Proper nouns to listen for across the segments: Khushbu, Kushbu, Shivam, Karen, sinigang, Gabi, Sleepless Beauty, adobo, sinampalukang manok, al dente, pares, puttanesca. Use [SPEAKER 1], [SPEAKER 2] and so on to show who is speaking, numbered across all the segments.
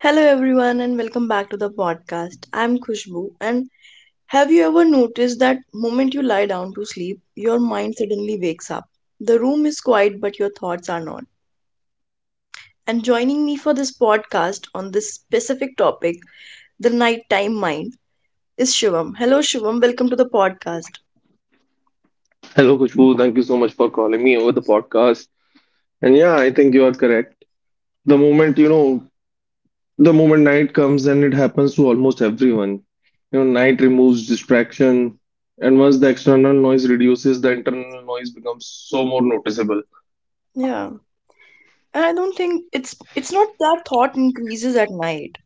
[SPEAKER 1] Hello, everyone, and welcome back to the podcast. I'm Khushbu, and have you ever noticed that moment you lie down to sleep, your mind suddenly wakes up? The room is quiet, but your thoughts are not. And joining me for this podcast on this specific topic, the nighttime mind, is Shivam. Hello, Shivam. Welcome to the podcast.
[SPEAKER 2] Hello, Kushbu. Thank you so much for calling me over the podcast. And yeah, I think you are correct. The moment, the moment night comes and it happens to almost everyone, night removes distraction. And once the external noise reduces, the internal noise becomes so more noticeable.
[SPEAKER 1] Yeah, and I don't think it's not that thought increases at night.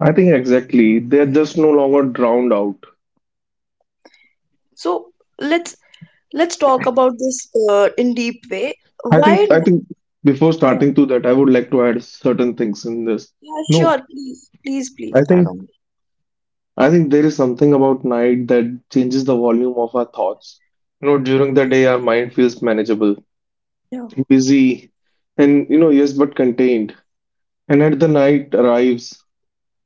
[SPEAKER 2] I think exactly. They're just no longer drowned out.
[SPEAKER 1] So let's let's talk about this in deep way.
[SPEAKER 2] I
[SPEAKER 1] Why?
[SPEAKER 2] think, I think before starting to that, I would like to add certain things in this.
[SPEAKER 1] Yeah,
[SPEAKER 2] No,
[SPEAKER 1] sure. Please, please,
[SPEAKER 2] I
[SPEAKER 1] please add
[SPEAKER 2] think
[SPEAKER 1] on.
[SPEAKER 2] I think there is something about night that changes the volume of our thoughts. You know, during the day, our mind feels manageable,
[SPEAKER 1] Yeah.
[SPEAKER 2] busy, and you know, yes, but contained. And at the night arrives,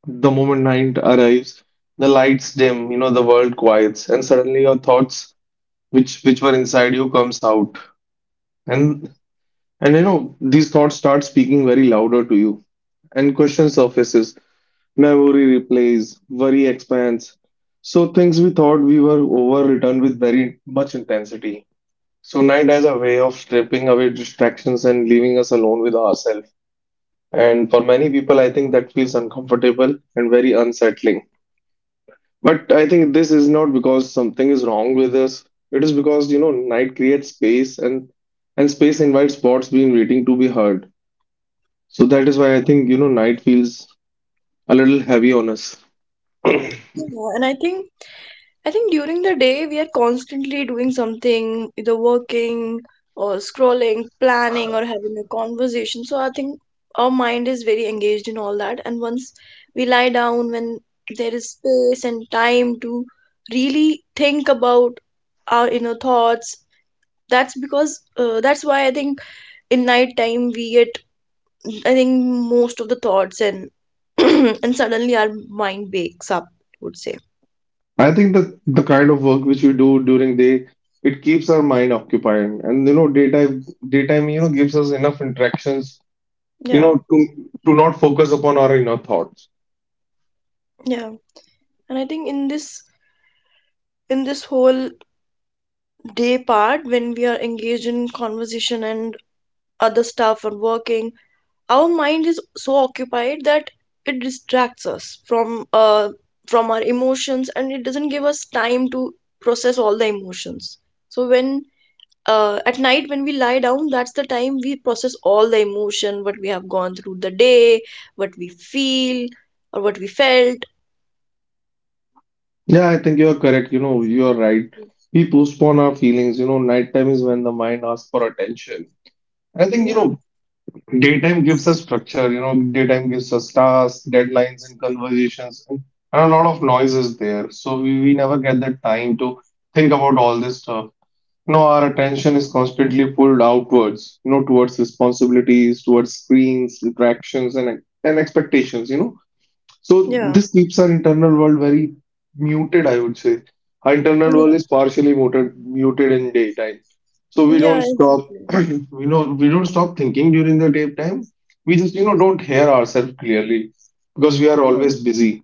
[SPEAKER 2] the moment night arrives, the lights dim, you know, the world quiets, and suddenly your thoughts, which were inside you, comes out. And and you know, these thoughts start speaking very louder to you, and question surfaces. Memory replays, worry expands. So things we thought we were over returned with very much intensity. So night has a way of stripping away distractions and leaving us alone with ourselves. And for many people, I think that feels uncomfortable and very unsettling. But I think this is not because something is wrong with us. It is because you know night creates space and space invites thoughts being waiting to be heard. So that is why I think you know night feels a little heavy on us.
[SPEAKER 1] Yeah, and I think during the day we are constantly doing something, either working or scrolling, planning or having a conversation. So I think our mind is very engaged in all that. And once we lie down, when there is space and time to really think about our inner thoughts, that's why I think in night time we get I think most of the thoughts and and suddenly our mind wakes up, I would say.
[SPEAKER 2] I think that the kind of work which we do during day, it keeps our mind occupied. And you know, daytime, you know, gives us enough interactions, you
[SPEAKER 1] Yeah,
[SPEAKER 2] know, to not focus upon our inner thoughts.
[SPEAKER 1] yeah. And I think in this whole day part when we are engaged in conversation and other stuff and working, our mind is so occupied that it distracts us from our emotions and it doesn't give us time to process all the emotions. So when at night when we lie down, that's the time we process all the emotion what we have gone through the day, what we feel or what we felt.
[SPEAKER 2] Yeah, I think you are correct. You know, you are right. We postpone our feelings. You know, nighttime is when the mind asks for attention. I think, you
[SPEAKER 1] Yeah,
[SPEAKER 2] know, daytime gives us structure, you know, daytime gives us tasks, deadlines, and conversations, and a lot of noise is there. So we never get that time to think about all this stuff. You know, our attention is constantly pulled outwards, you know, towards responsibilities, towards screens, interactions, and, expectations, you know. So
[SPEAKER 1] yeah,
[SPEAKER 2] this keeps our internal world very muted, I would say. Our internal world
[SPEAKER 1] yeah,
[SPEAKER 2] is partially muted, muted in daytime. So we don't
[SPEAKER 1] yeah,
[SPEAKER 2] stop,
[SPEAKER 1] exactly,
[SPEAKER 2] we know we don't stop thinking during the daytime. We just, you know, don't hear ourselves clearly because we are
[SPEAKER 1] yeah,
[SPEAKER 2] always busy.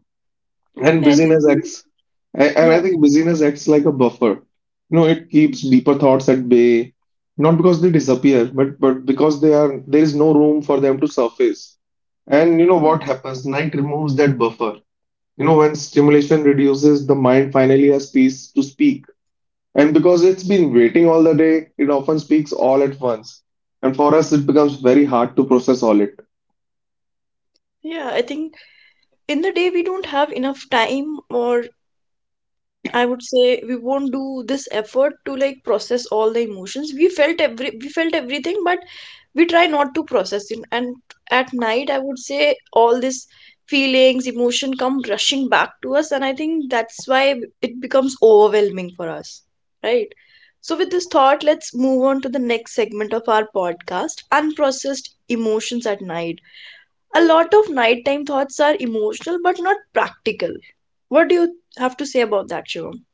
[SPEAKER 2] And
[SPEAKER 1] yeah.
[SPEAKER 2] busyness acts, and I
[SPEAKER 1] Yeah.
[SPEAKER 2] think busyness acts like a buffer. You know, it
[SPEAKER 1] Mm.
[SPEAKER 2] keeps deeper thoughts at bay, not because they disappear, but because they are there is no room for them to surface. And you know
[SPEAKER 1] Mm.
[SPEAKER 2] what happens? Night removes that buffer. You know, when stimulation reduces, the mind finally has peace to speak. And because it's been waiting all the day, it often speaks all at once. And for us, it becomes very hard to process all it.
[SPEAKER 1] Yeah, I think in the day we don't have enough time, or I would say we won't do this effort to, like, process all the emotions. We felt everything, but we try not to process it, and at night I would say all these feelings, emotion come rushing back to us, and I think that's why it becomes overwhelming for us, right? So with this thought, let's move on to the next segment of our podcast: unprocessed emotions at night. A lot of nighttime thoughts are emotional but not practical. What do you have to say about that, Shivam?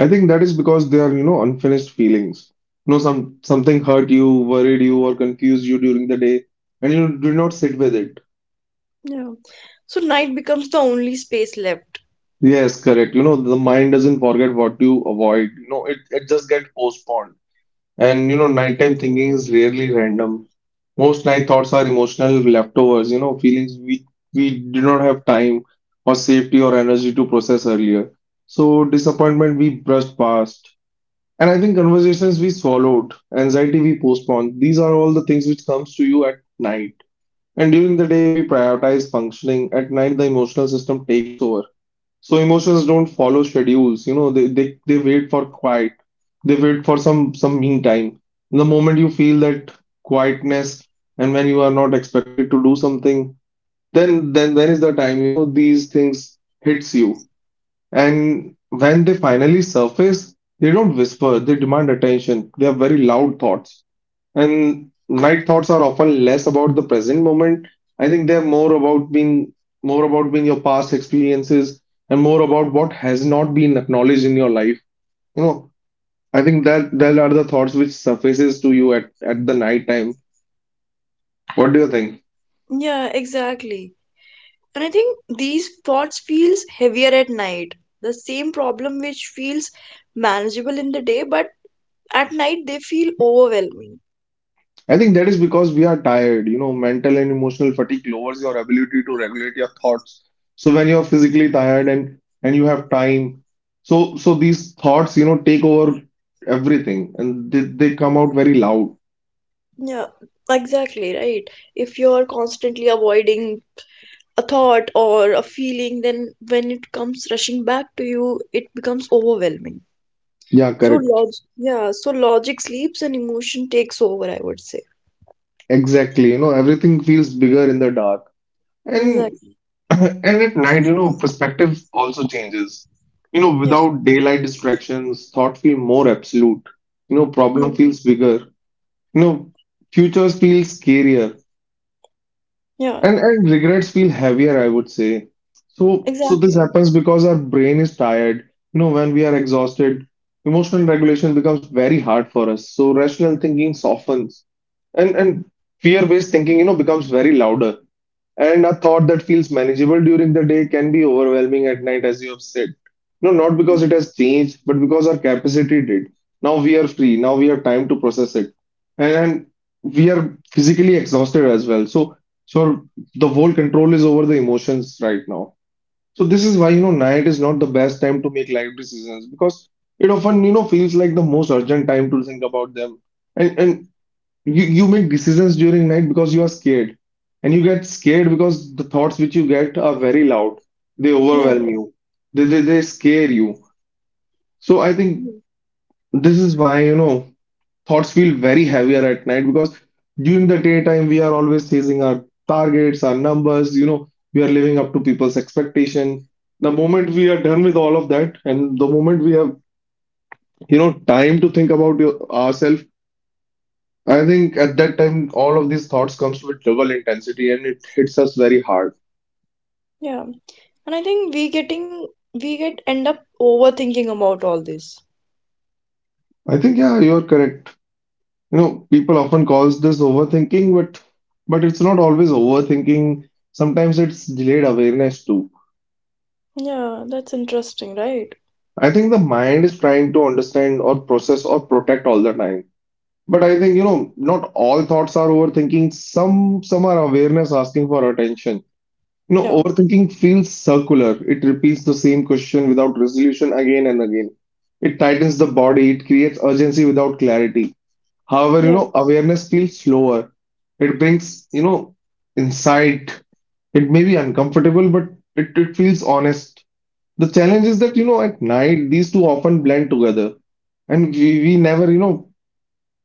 [SPEAKER 2] I think that is because they are, you know, unfinished feelings. You know, something hurt you, worried you, or confused you during the day, and you do not sit with it.
[SPEAKER 1] Yeah, so night becomes the only space left.
[SPEAKER 2] Yes, correct. You know, the mind doesn't forget what you avoid. You know, it just gets postponed. And you know, nighttime thinking is rarely random. Most night thoughts are emotional leftovers, you know, feelings we did not have time or safety or energy to process earlier. So disappointment we brushed past. And I think conversations we swallowed, anxiety we postponed. These are all the things which comes to you at night. And during the day we prioritize functioning. At night the emotional system takes over. So emotions don't follow schedules, you know, they wait for quiet. They wait for some mean time. The moment you feel that quietness and when you are not expected to do something, then is the time, you know, these things hits you. And when they finally surface, they don't whisper, they demand attention. They are very loud thoughts. And night thoughts are often less about the present moment. I think they're more about being your past experiences and more about what has not been acknowledged in your life. You know, I think that are the thoughts which surfaces to you at, the night time. What do you think?
[SPEAKER 1] Yeah, exactly. And I think these thoughts feels heavier at night. The same problem which feels manageable in the day, but at night they feel overwhelming.
[SPEAKER 2] I think that is because we are tired. You know, mental and emotional fatigue lowers your ability to regulate your thoughts. So when you're physically tired and you have time, so these thoughts, you know, take over everything and they come out very loud.
[SPEAKER 1] Yeah, exactly right. If you're constantly avoiding a thought or a feeling, then when it comes rushing back to you, it becomes overwhelming.
[SPEAKER 2] Yeah,
[SPEAKER 1] So
[SPEAKER 2] correct.
[SPEAKER 1] log Yeah, so logic sleeps and emotion takes over, I would say.
[SPEAKER 2] Exactly. You know, everything feels bigger in the dark. And
[SPEAKER 1] Exactly.
[SPEAKER 2] and at night, you know, perspective also changes. You know,
[SPEAKER 1] Yeah.
[SPEAKER 2] without daylight distractions, thought feel more absolute. You know,
[SPEAKER 1] Yeah.
[SPEAKER 2] problem feels bigger. No, futures feel scarier
[SPEAKER 1] Yeah.
[SPEAKER 2] and, regrets feel heavier, I would say. So this
[SPEAKER 1] Exactly.
[SPEAKER 2] happens because our brain is tired. You know, when we are exhausted, emotional regulation becomes very hard for us. So rational thinking softens and fear-based thinking, you know, becomes very louder. And a thought that feels manageable during the day can be overwhelming at night, as you have said. No, not because
[SPEAKER 1] Mm.
[SPEAKER 2] it has changed, but because our capacity did. Now we are free. Now we have time to process it. And we are physically exhausted as well. So the whole control is over the emotions right now. So this is why, you know, night is not the best time to make life decisions because it often, you know, feels like the most urgent time to think about them. And, you make decisions during night because you are scared and you get scared because the thoughts which you get are very loud. They
[SPEAKER 1] Yeah.
[SPEAKER 2] overwhelm you. They scare you. So I think
[SPEAKER 1] Mm.
[SPEAKER 2] this is why you know thoughts feel very heavier at night because during the daytime we are always chasing our targets, our numbers, you know, we are living up to people's expectation. The moment we are done with all of that and the moment we have, you know, time to think about ourselves, I think at that time, all of these thoughts comes with double intensity and it hits us very hard.
[SPEAKER 1] Yeah. And I think we getting we get end up overthinking about all this.
[SPEAKER 2] I think, yeah, you're correct. You know, people often calls this overthinking, but it's not always overthinking. Sometimes it's delayed awareness too.
[SPEAKER 1] Yeah, that's interesting, right?
[SPEAKER 2] I think the mind is trying to understand or process or protect all the time. But I think, you know, not all thoughts are overthinking. Some are awareness asking for attention. You know,
[SPEAKER 1] Yeah,
[SPEAKER 2] overthinking feels circular. It repeats the same question without resolution again and again. It tightens the body, it creates urgency without clarity. However, you
[SPEAKER 1] yeah,
[SPEAKER 2] know, awareness feels slower. It brings, you know, insight. It may be uncomfortable, but it feels honest. The challenge is that, you know, at night, these two often blend together. And we never, you know,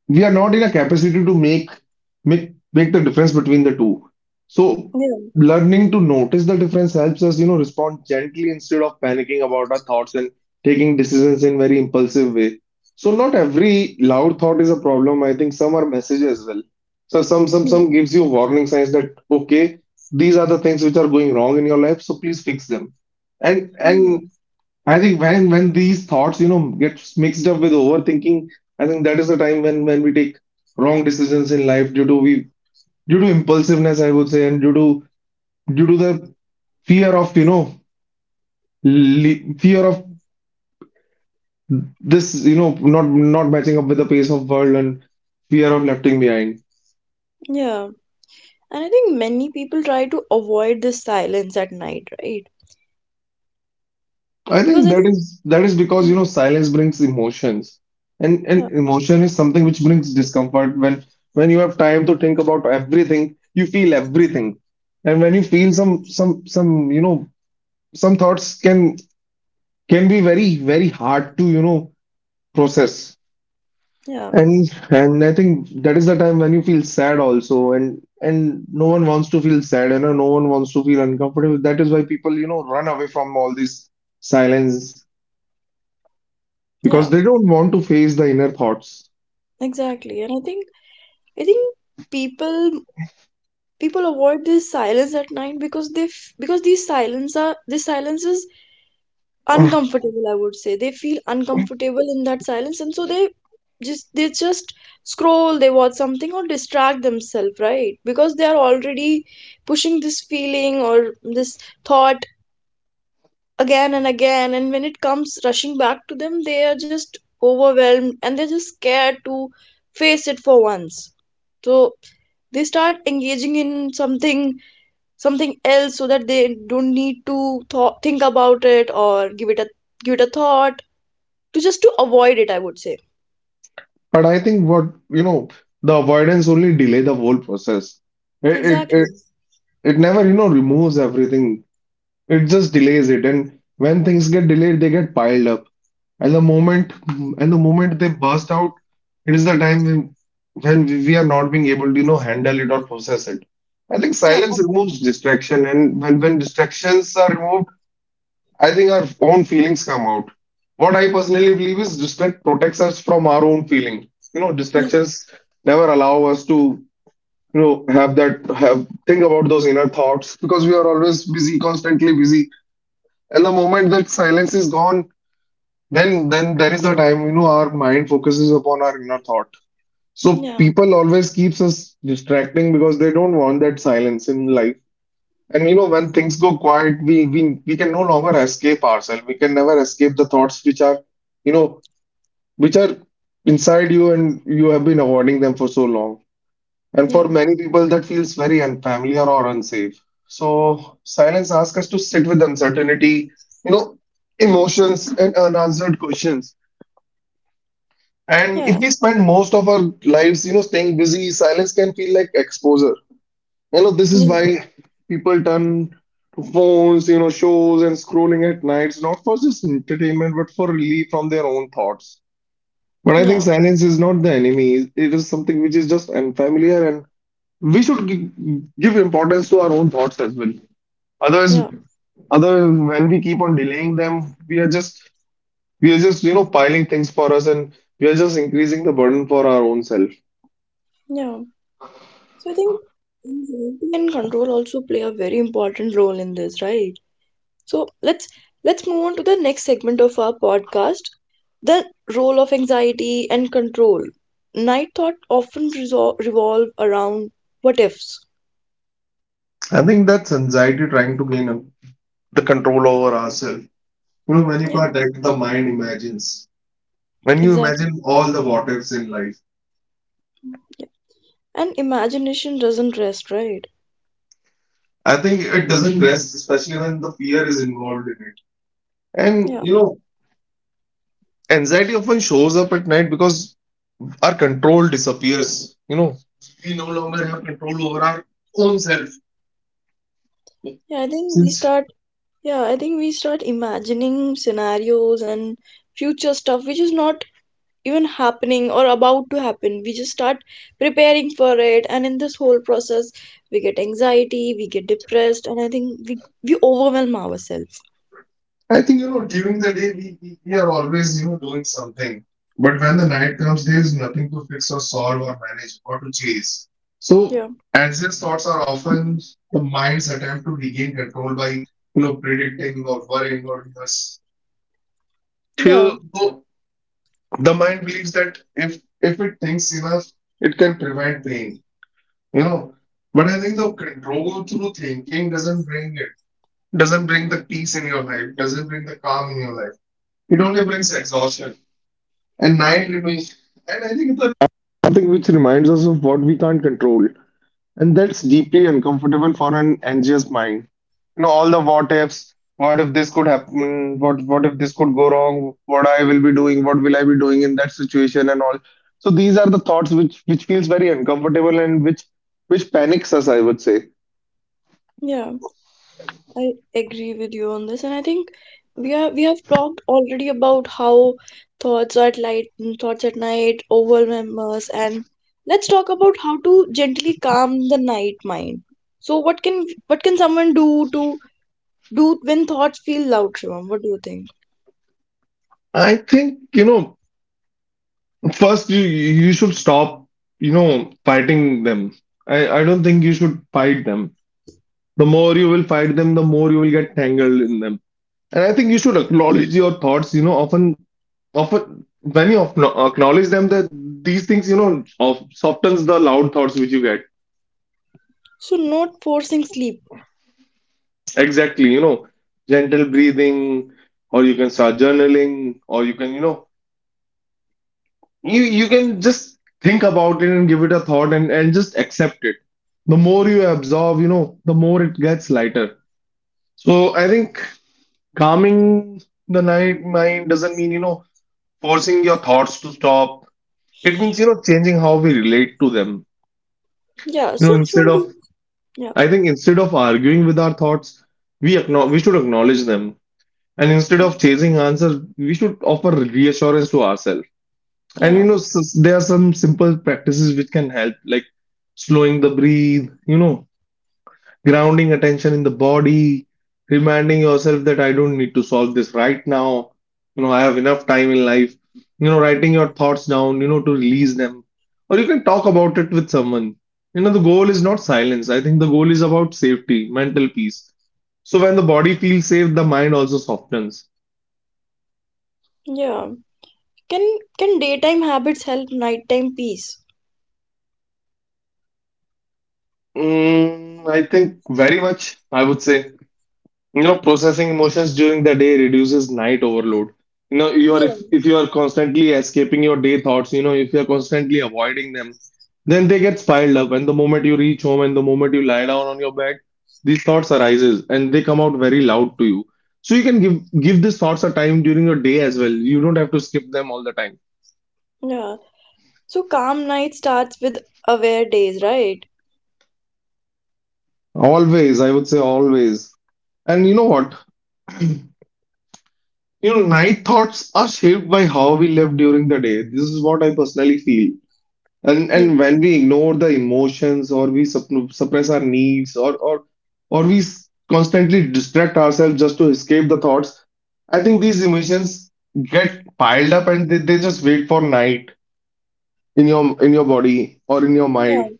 [SPEAKER 2] we are not in a capacity to make the difference between the two. So
[SPEAKER 1] yeah.
[SPEAKER 2] learning to notice the difference helps us, you know, respond gently instead of panicking about our thoughts and taking decisions in very impulsive way. So not every loud thought is a problem. I think some are messages as well. So
[SPEAKER 1] Mm.
[SPEAKER 2] some gives you warning signs that okay, these are the things which are going wrong in your life, so please fix them. and
[SPEAKER 1] Yeah,
[SPEAKER 2] and I think when these thoughts, you know, get mixed up with overthinking, I think that is the time when we take wrong decisions in life due to we due to impulsiveness, I would say, and due to the fear of, you know, fear of this, you know, not matching up with the pace of world and fear of left behind.
[SPEAKER 1] yeah. And I think many people try to avoid this silence at night, right?
[SPEAKER 2] I
[SPEAKER 1] Because
[SPEAKER 2] think
[SPEAKER 1] I
[SPEAKER 2] that
[SPEAKER 1] think.
[SPEAKER 2] is because you
[SPEAKER 1] Mm.
[SPEAKER 2] know silence brings emotions and
[SPEAKER 1] Yeah,
[SPEAKER 2] and emotion is something which brings discomfort when you have time to think about everything you feel everything and when you feel some, you know, some thoughts can be very hard to, you know, process.
[SPEAKER 1] yeah,
[SPEAKER 2] And I think that is the time when you feel sad also and no one wants to feel sad and no one wants to feel uncomfortable. That is why people, you know, run away from all this silence because
[SPEAKER 1] yeah,
[SPEAKER 2] they don't want to face the inner thoughts.
[SPEAKER 1] exactly. And I think people people avoid this silence at night because because these silences uncomfortable, I would say. They feel uncomfortable in that silence, and so they just scroll, they watch something or distract themselves, right? Because they are already pushing this feeling or this thought again and again, and when it comes rushing back to them, they are just overwhelmed, and they're just scared to face it for once. So they start engaging in something else so that they don't need to think about it or give it a thought, to just to avoid it, I would say.
[SPEAKER 2] But I think what you know, the avoidance only delay the whole process. It it
[SPEAKER 1] Exactly.
[SPEAKER 2] it, it never you know removes everything. It just delays it, and when things get delayed, they get piled up. And the moment they burst out, it is the time when we are not being able to you know handle it or process it. I think
[SPEAKER 1] Yeah,
[SPEAKER 2] silence removes distraction, and when distractions are removed I think our own feelings come out. What I personally believe is distract protects us from our own feeling. Distractions never allow us to, have that have think about those inner thoughts because we are always busy, constantly busy. And the moment that silence is gone, then there is the time, our mind focuses upon our inner thought. So
[SPEAKER 1] yeah,
[SPEAKER 2] people always keeps us distracting because they don't want that silence in life and when things go quiet, we can no longer escape ourselves. We can never escape the thoughts which are, you know, which are inside you and you have been avoiding them for so long. And for
[SPEAKER 1] yeah,
[SPEAKER 2] many people, that feels very unfamiliar or unsafe. So silence asks us to sit with uncertainty, you know, emotions and unanswered questions. And
[SPEAKER 1] yeah, yeah,
[SPEAKER 2] if we spend most of our lives, staying busy, silence can feel like exposure. You know, this is
[SPEAKER 1] yeah,
[SPEAKER 2] why people turn to phones, shows and scrolling at nights, not for just entertainment, but for relief from their own thoughts. But I think silence is not the enemy. It is something which is just unfamiliar, and we should gi- give importance to our own thoughts as well. Otherwise,
[SPEAKER 1] yeah, yeah,
[SPEAKER 2] other when we keep on delaying them, we are just piling things for us, and we are just increasing the burden for our own self.
[SPEAKER 1] yeah. So I think environment and control also play a very important role in this, right? So let's move on to the next segment of our podcast: the role of anxiety and control. Night thought often revolve around what ifs.
[SPEAKER 2] I think that's anxiety trying to gain the control over ourselves. You know,
[SPEAKER 1] Yeah,
[SPEAKER 2] Manika, that the mind imagines. When you
[SPEAKER 1] exactly.
[SPEAKER 2] imagine all the what ifs in life,
[SPEAKER 1] And imagination doesn't rest, right?
[SPEAKER 2] I think it doesn't rest, especially when the fear is involved in it. And
[SPEAKER 1] Yeah,
[SPEAKER 2] anxiety often shows up at night because our control disappears. You know, we no longer have control over our own self
[SPEAKER 1] yeah, I think we
[SPEAKER 2] since
[SPEAKER 1] start. Yeah, I think we start imagining scenarios and future stuff which is not even happening or about to happen. We just start preparing for it, and in this whole process, we get anxiety, we get depressed, and I think we overwhelm ourselves.
[SPEAKER 2] I think during the day we are always doing something, but when the night comes, there is nothing to fix or solve or manage or to chase.
[SPEAKER 1] Yeah,
[SPEAKER 2] So anxious thoughts are often the mind's attempt to regain control by predicting or worrying or
[SPEAKER 1] yeah,
[SPEAKER 2] till so the mind believes that if it thinks enough, it can prevent pain. You know, but I think the control through thinking doesn't bring the peace in your life, doesn't bring the calm in your life. It only brings exhaustion and night living. And I think it's a something which reminds us of what we can't control. And that's deeply uncomfortable for an anxious mind. You know, all the what ifs, what if this could happen, what if this could go wrong, what will I be doing in that situation and all. So these are the thoughts which feels very uncomfortable and which panics us, I would say.
[SPEAKER 1] yeah. I agree with you on this, and I think we have talked already about how thoughts at light, thoughts at night overwhelm us, and let's talk about how to gently calm the night mind. So, what can someone do to do when thoughts feel loud, Shivam? What do you think?
[SPEAKER 2] I think first you should stop fighting them. I don't think you should fight them. The more you will fight them, the more you will get tangled in them. And I think you should acknowledge your thoughts. You know, often when you acknowledge them, that these things, of, softens the loud thoughts which you get.
[SPEAKER 1] So, not forcing sleep.
[SPEAKER 2] Exactly, you know, gentle breathing, or you can start journaling, or you can, you can just think about it and give it a thought and just accept it. The more you absorb, the more it gets lighter. So I think calming the night mind doesn't mean forcing your thoughts to stop. It means, changing how we relate to them.
[SPEAKER 1] Yeah.
[SPEAKER 2] You know,
[SPEAKER 1] So,
[SPEAKER 2] instead
[SPEAKER 1] Shivam,
[SPEAKER 2] of,
[SPEAKER 1] do— yeah,
[SPEAKER 2] I think, instead of arguing with our thoughts, we should acknowledge them. And instead of chasing answers, we should offer reassurance to ourselves. And,
[SPEAKER 1] yeah,
[SPEAKER 2] there are some simple practices which can help, like slowing the breathe, grounding attention in the body, reminding yourself that I don't need to solve this right now. You know, I have enough time in life. You know, writing your thoughts down, to release them. Or you can talk about it with someone. You know, the goal is not silence. I think the goal is about safety, mental peace. So when the body feels safe, the mind also softens.
[SPEAKER 1] yeah. Can can daytime habits help nighttime peace?
[SPEAKER 2] Mm, I think very much, I would say. You know, processing emotions during the day reduces night overload. You know, you are
[SPEAKER 1] Yeah.
[SPEAKER 2] if you are constantly escaping your day thoughts, if you are constantly avoiding them, then they get piled up. And the moment you reach home and the moment you lie down on your bed, these thoughts arises and they come out very loud to you. So you can give these thoughts a time during your day as well. You don't have to skip them all the time.
[SPEAKER 1] Yeah. So calm night starts with aware days, right?
[SPEAKER 2] Always, I would say always. And you know what? You know, night thoughts are shaped by how we live during the day. This is what I personally feel.
[SPEAKER 1] Yeah.
[SPEAKER 2] And when we ignore the emotions or we suppress our needs or constantly distract ourselves just to escape the thoughts, I think these emotions get piled up and they just wait for night in your body or in your
[SPEAKER 1] Yeah.
[SPEAKER 2] mind.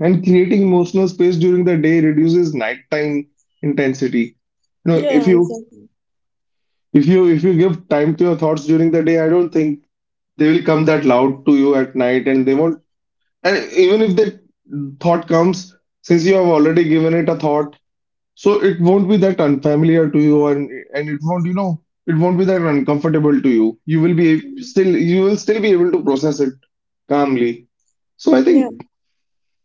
[SPEAKER 2] And creating emotional space during the day reduces nighttime intensity. You know,
[SPEAKER 1] Yeah, exactly.
[SPEAKER 2] if you give time to your thoughts during the day, I don't think they will come that loud to you at night and they won't and even if the thought comes, since you have already given it a thought, so it won't be that unfamiliar to you and it won't, it won't be that uncomfortable to you. You will be
[SPEAKER 1] Mm.
[SPEAKER 2] still you will still be able to process it calmly. So I
[SPEAKER 1] Yeah,
[SPEAKER 2] think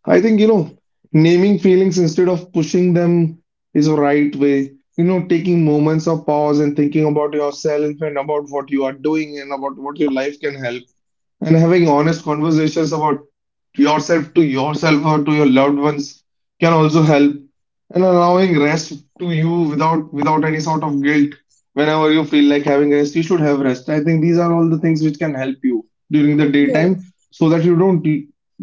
[SPEAKER 2] I think, naming feelings instead of pushing them is a right way. You know, taking moments of pause and thinking about yourself and about what you are doing and about what your life can help and having honest conversations about yourself to yourself or to your loved ones can also help and allowing rest to you without any sort of guilt whenever you feel like having rest you should have rest. I think these are all the things which can help you during the
[SPEAKER 1] yeah,
[SPEAKER 2] daytime so that you don't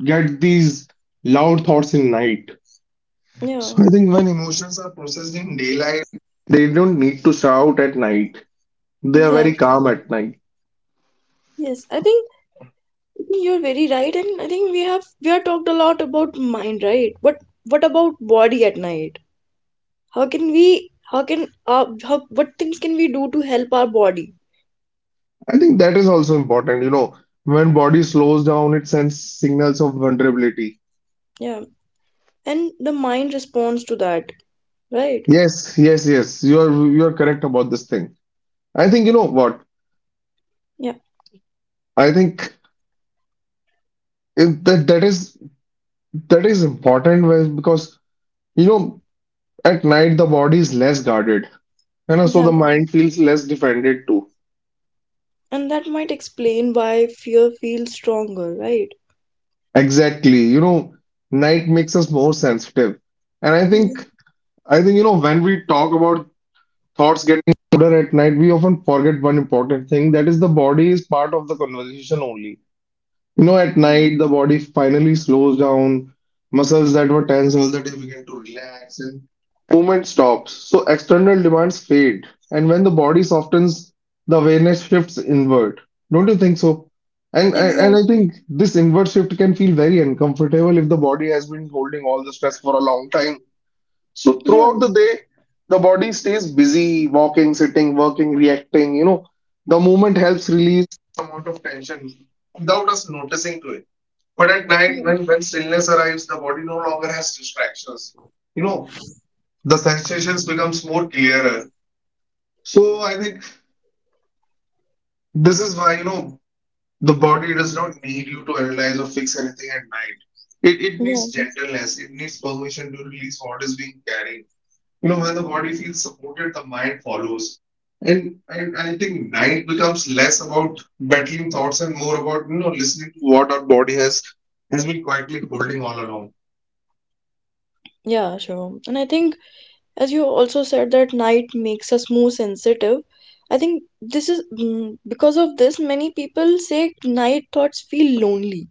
[SPEAKER 2] get these loud thoughts in night.
[SPEAKER 1] yeah,
[SPEAKER 2] So I think when emotions are processed in daylight they don't need to shout at night, they are very
[SPEAKER 1] exactly.
[SPEAKER 2] calm at night.
[SPEAKER 1] Yes, I think you're very right, and I think we have talked a lot about mind, right? But what about body at night? How can we how can how What things can we do to help our body?
[SPEAKER 2] I think that is also important. You know, when body slows down, it sends signals of vulnerability.
[SPEAKER 1] Yeah, and the mind responds to that, right?
[SPEAKER 2] Yes, yes, yes. You are correct about this thing. I think you know what?
[SPEAKER 1] Yeah,
[SPEAKER 2] I think it, that that is important when- because you know at night the body is less guarded, so the
[SPEAKER 1] exactly.
[SPEAKER 2] mind feels less defended too.
[SPEAKER 1] And that might explain why fear feels stronger, right?
[SPEAKER 2] Exactly. You know, night makes us more sensitive, and
[SPEAKER 1] Yeah.
[SPEAKER 2] I think when we talk about thoughts getting louder at night, we often forget one important thing that is, the body is part of the conversation only. You know, at night, the body finally slows down, muscles that were tense all the day begin to relax, and movement stops. So, external demands fade. And when the body softens, the awareness shifts inward. Don't you think so? And I
[SPEAKER 1] Exactly.
[SPEAKER 2] think this inward shift can feel very uncomfortable if the body has been holding all the stress for a long time. So
[SPEAKER 1] Yeah,
[SPEAKER 2] throughout the day, the body stays busy, walking, sitting, working, reacting. You know, the movement helps release some amount of tension without us noticing to it. But at night,
[SPEAKER 1] yeah,
[SPEAKER 2] when stillness arrives, the body no longer has distractions. You know, the sensations becomes more clearer. So I think this is why the body does not need you to analyze or fix anything at night. It
[SPEAKER 1] yeah,
[SPEAKER 2] needs gentleness. It needs permission to release what is being carried. You know, when the body feels supported, the mind follows. And I think night becomes less about battling thoughts and more about, listening to what our body has been quietly holding all along.
[SPEAKER 1] yeah, sure. And I think, as you also said, that night makes us more sensitive. I think this is, mm, because of this, many people say night thoughts feel lonely.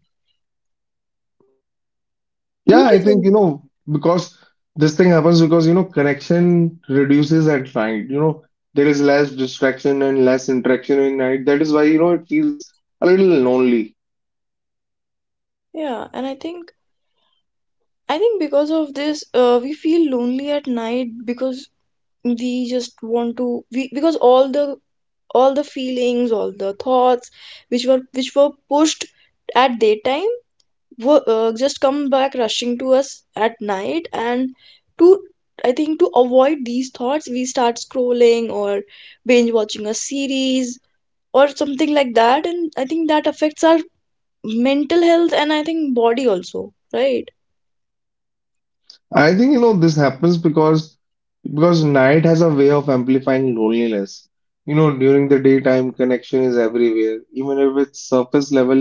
[SPEAKER 2] Yeah,
[SPEAKER 1] Don't
[SPEAKER 2] I
[SPEAKER 1] you
[SPEAKER 2] think,
[SPEAKER 1] think?
[SPEAKER 2] because this thing happens because, connection reduces at night. You know, there is less distraction and less interaction in night. That is why, it feels a little lonely.
[SPEAKER 1] Yeah, and I think because of this, we feel lonely at night because we just want to, we because all the feelings, all the thoughts which were pushed at daytime, just come back rushing to us at night, and to I think, to avoid these thoughts, we start scrolling or binge watching a series or something like that, and I think that affects our mental health and I think body also, right?
[SPEAKER 2] I think this happens because night has a way of amplifying loneliness. You know, during the daytime, connection is everywhere, even if it's surface level,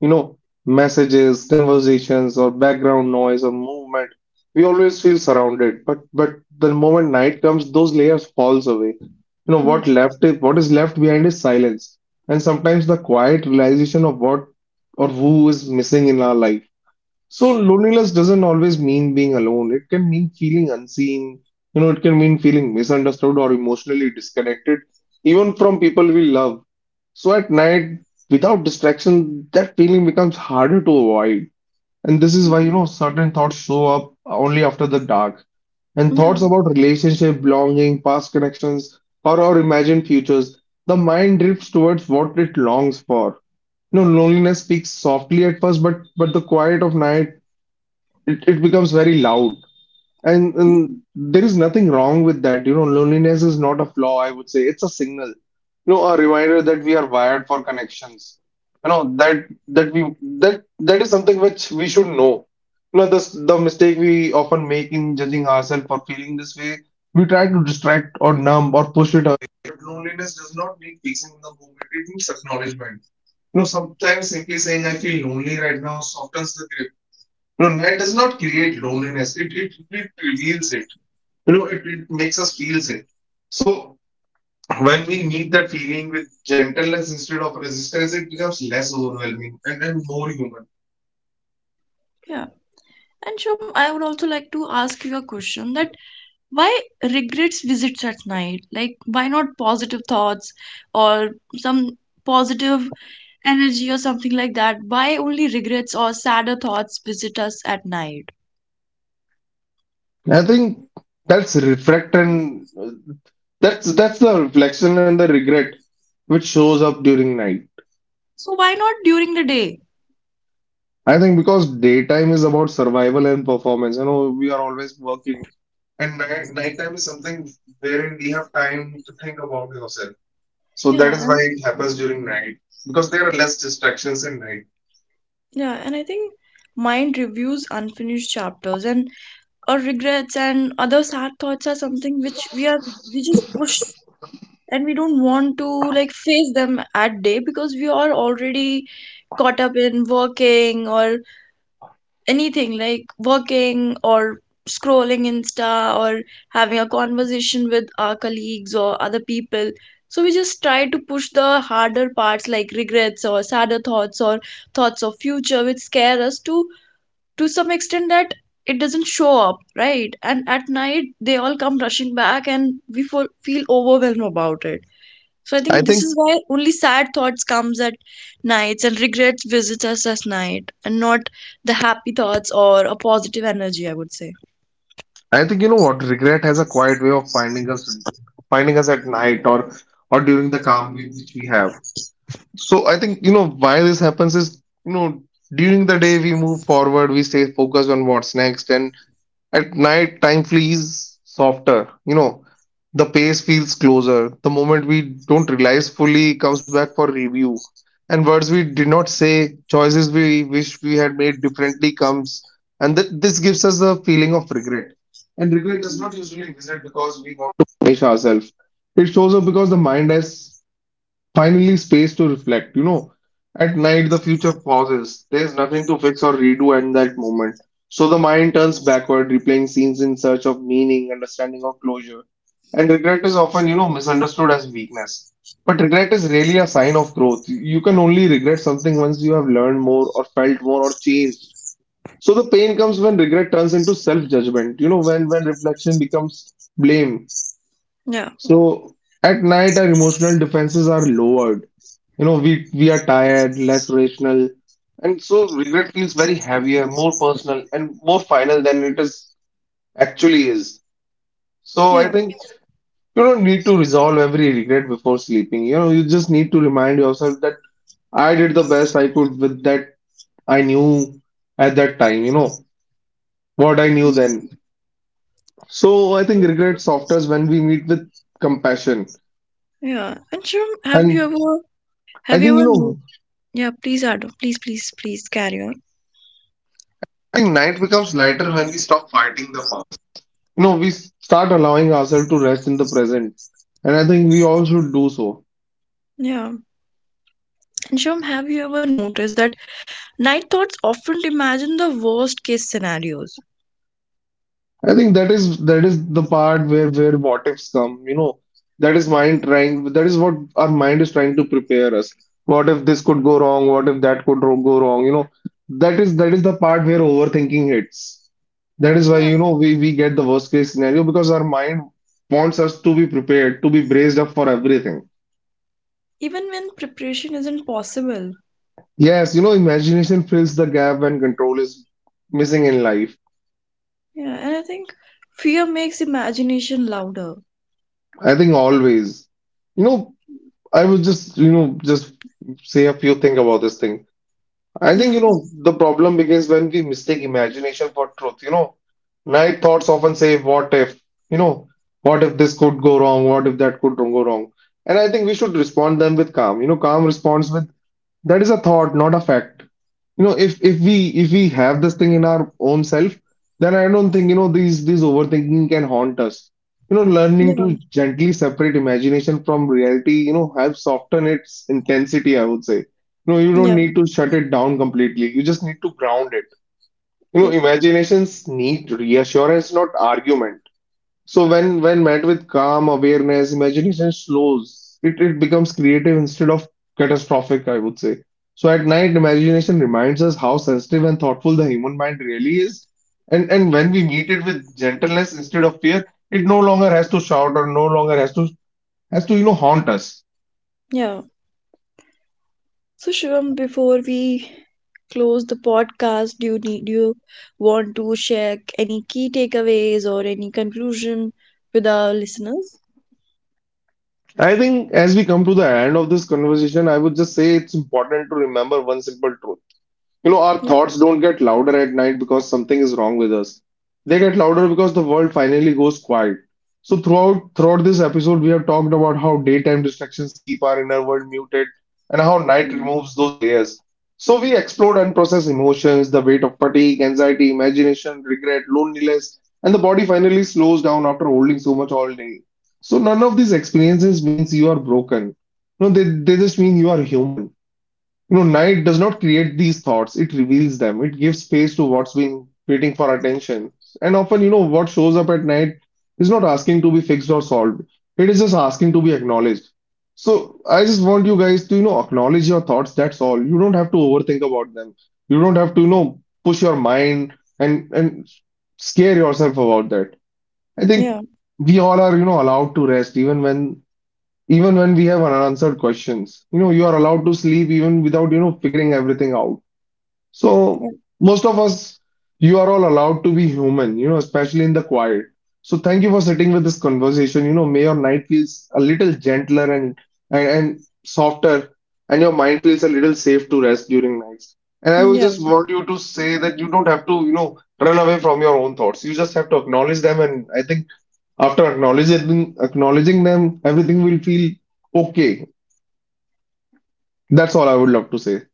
[SPEAKER 2] you know, messages, conversations, or background noise or movement. We always feel surrounded, but the moment night comes, those layers falls away. You know,
[SPEAKER 1] Yeah.
[SPEAKER 2] what left is what is left behind is silence, and sometimes the quiet realization of what or who is missing in our life. So loneliness doesn't always mean being alone. It can mean feeling unseen. You know, it can mean feeling misunderstood or emotionally disconnected, even from people we love. So at night, without distraction, that feeling becomes harder to avoid. And this is why, you
[SPEAKER 1] Mm.
[SPEAKER 2] know, certain thoughts show up only after the dark. And
[SPEAKER 1] Yeah.
[SPEAKER 2] thoughts about relationship, belonging, past connections, or our imagined futures, the mind drifts towards what it longs for. You know, loneliness speaks softly at first, but the quiet of night it becomes very loud and there is nothing wrong with that, you know, loneliness is not a flaw, I would say it's a signal, you know, a reminder that we are wired for connections. You know, that we, that that is something which we should know. You know, this the mistake we often make in judging ourselves for feeling this way, we try to distract or numb or push it away, but loneliness does not need facing in the moment, it needs acknowledgement. You know, sometimes simply saying I feel lonely right now softens the grip. No, that does not create loneliness. It reveals it. You know, it makes us feel it. So when we meet that feeling with gentleness instead of resistance, it becomes less overwhelming and, more human.
[SPEAKER 1] Yeah. And Shom, I would also like to ask you a question that why regrets visits at night? Like, why not positive thoughts or some positive energy or something like that? Why only regrets or sadder thoughts visit us at night?
[SPEAKER 2] I think that's reflect and that's the reflection and the regret which shows up during night.
[SPEAKER 1] So why not during the day?
[SPEAKER 2] I think because daytime is about survival and performance. You know, we are always working. And night, nighttime is something wherein we have time to think about yourself. So that
[SPEAKER 1] Yeah,
[SPEAKER 2] is why
[SPEAKER 1] and—
[SPEAKER 2] it happens during night because there are less distractions in night.
[SPEAKER 1] yeah, and I think mind reviews unfinished chapters, and or regrets and other sad thoughts are something which we are we just push and we don't want to, like, face them at day, because we are already caught up in working or anything, like working or scrolling Insta or having a conversation with our colleagues or other people. So we just try to push the harder parts, like regrets or sadder thoughts or thoughts of future which scare us to some extent, that it doesn't show up, right? And at night they all come rushing back, and we feel overwhelmed about it. So I
[SPEAKER 2] I
[SPEAKER 1] think this
[SPEAKER 2] think
[SPEAKER 1] is why only sad thoughts comes at nights and regrets visits us at night, and not the happy thoughts or a positive energy, I would say.
[SPEAKER 2] I think, you know what, regret has a quiet way of finding us, at night or during the calm which we have. So I think, you know, why this happens is, you know, during the day we move forward, we stay focused on what's next, and at night, time flees softer. You know, the pace feels closer. The moment we don't realize fully comes back for review. And words we did not say, choices we wish we had made differently comes. And this gives us a feeling of regret. And regret does not usually visit because we want to punish ourselves. It shows up because the mind has finally space to reflect. You know, at night the future pauses. There's nothing to fix or redo at that moment. So the mind turns backward, replaying scenes in search of meaning, understanding or closure. And regret is often, you know, misunderstood as weakness. But regret is really a sign of growth. You can only regret something once you have learned more or felt more or changed. So the pain comes when regret turns into self-judgment, you know, when reflection becomes blame.
[SPEAKER 1] Yeah,
[SPEAKER 2] So at night, our emotional defenses are lowered. You know, we are tired, less rational, and so regret feels very heavier, more personal, and more final than it is actually is. So I
[SPEAKER 1] yeah,
[SPEAKER 2] think you don't need to resolve every regret before sleeping. You know, you just need to remind yourself that I did the best I could with that I knew at that time. You know what I knew then. So I think regret softens when we meet with compassion,
[SPEAKER 1] yeah. And Shum,
[SPEAKER 2] and I
[SPEAKER 1] have you
[SPEAKER 2] think you
[SPEAKER 1] ever, no-
[SPEAKER 2] know.
[SPEAKER 1] yeah, please add. Please, please, please carry on.
[SPEAKER 2] I think night becomes lighter when we stop fighting the past. You know, we start allowing ourselves to rest in the present, and I think we all should do so.
[SPEAKER 1] Yeah. And Shum, have you ever noticed that night thoughts often imagine the worst case scenarios?
[SPEAKER 2] I think that is the part where what ifs come. You know, that is mind trying. That is what our mind is trying to prepare us. What if this could go wrong? What if that could go wrong? You know, that is the part where overthinking hits. That is why,
[SPEAKER 1] Yeah,
[SPEAKER 2] you know, we get the worst case scenario because our mind wants us to be prepared, to be braced up for everything.
[SPEAKER 1] even when preparation isn't possible.
[SPEAKER 2] Yes, you know, imagination fills the gap when control is missing in life.
[SPEAKER 1] Yeah, and I think fear makes imagination louder.
[SPEAKER 2] I think always. You know, I will just, just say a few things about this thing. I think,
[SPEAKER 1] Yeah,
[SPEAKER 2] you know,
[SPEAKER 1] please.
[SPEAKER 2] the problem begins when we mistake imagination for truth. You know, night thoughts often say, what if? You know, what if this could go wrong? What if that could go wrong? And I think we should respond them with calm. You know, calm responds with, that is a thought, not a fact. You know, if we have this thing in our own self, then I don't think, you know, these overthinking can haunt us. You know, learning to
[SPEAKER 1] Yeah.
[SPEAKER 2] gently separate imagination from reality, you know, helps soften its intensity, I would say. You know, you don't
[SPEAKER 1] Yeah,
[SPEAKER 2] need to shut it down completely, you just need to ground it. You know,
[SPEAKER 1] yep,
[SPEAKER 2] imaginations need reassurance, not argument. So when met with calm awareness, imagination slows. It becomes creative instead of catastrophic, I would say. So at night, imagination reminds us how sensitive and thoughtful the human mind really is. And when we meet it with gentleness instead of fear, it no longer has to shout or no longer has to, you know, haunt us.
[SPEAKER 1] yeah. So, Shivam, before we close the podcast, do you need do you want to share any key takeaways or any conclusion with our listeners?
[SPEAKER 2] I think as we come to the end of this conversation, I would just say it's important to remember one simple truth. You know, our
[SPEAKER 1] Yeah.
[SPEAKER 2] thoughts don't get louder at night because something is wrong with us. They get louder because the world finally goes quiet. So throughout this episode, we have talked about how daytime distractions keep our inner world muted and how night
[SPEAKER 1] Mm.
[SPEAKER 2] removes those layers. So we explored unprocessed emotions, the weight of fatigue, anxiety, imagination, regret, loneliness, and the body finally slows down after holding so much all day. So none of these experiences means you are broken. No, they just mean you are human. You know, night does not create these thoughts, it reveals them. It gives space to what's been waiting for attention. And often, you know, what shows up at night is not asking to be fixed or solved, it is just asking to be acknowledged. So I just want you guys to, you know, acknowledge your thoughts. That's all. You don't have to overthink about them. You don't have to, you know, push your mind and scare yourself about that. I think
[SPEAKER 1] Yeah.
[SPEAKER 2] we all are, you know, allowed to rest even when we have unanswered questions. You know, you are allowed to sleep even without, you know, figuring everything out.
[SPEAKER 1] Yeah.
[SPEAKER 2] So most of us, you are all allowed to be human, you know, especially in the quiet. So thank you for sitting with this conversation. You know, may your night feels a little gentler and and softer, and your mind feels a little safe to rest during nights. And I
[SPEAKER 1] Mm.
[SPEAKER 2] will
[SPEAKER 1] Yeah.
[SPEAKER 2] just want you to say that you don't have to, you know, run away from your own thoughts. You just have to acknowledge them, and I think after acknowledging them, everything will feel okay. That's all I would love to say.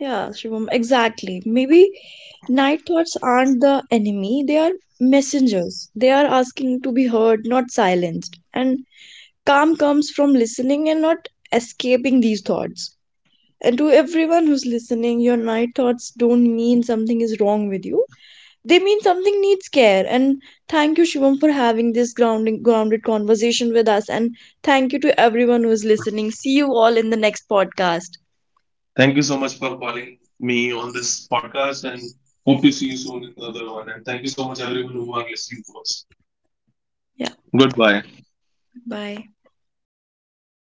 [SPEAKER 1] Yeah, Shivam, exactly. Maybe night thoughts aren't the enemy, they are messengers. They are asking to be heard, not silenced. And calm comes from listening and not escaping these thoughts. And to everyone who's listening, your night thoughts don't mean something is wrong with you, they mean something needs care. And thank you, Shivam, for having this grounding grounded conversation with us, and thank you to everyone who's listening. See you all in the next podcast.
[SPEAKER 2] Thank you so much for calling me on this podcast and hope to see you soon in the other one. And thank you so much, everyone who are listening to us.
[SPEAKER 1] Yeah.
[SPEAKER 2] Goodbye.
[SPEAKER 1] Bye.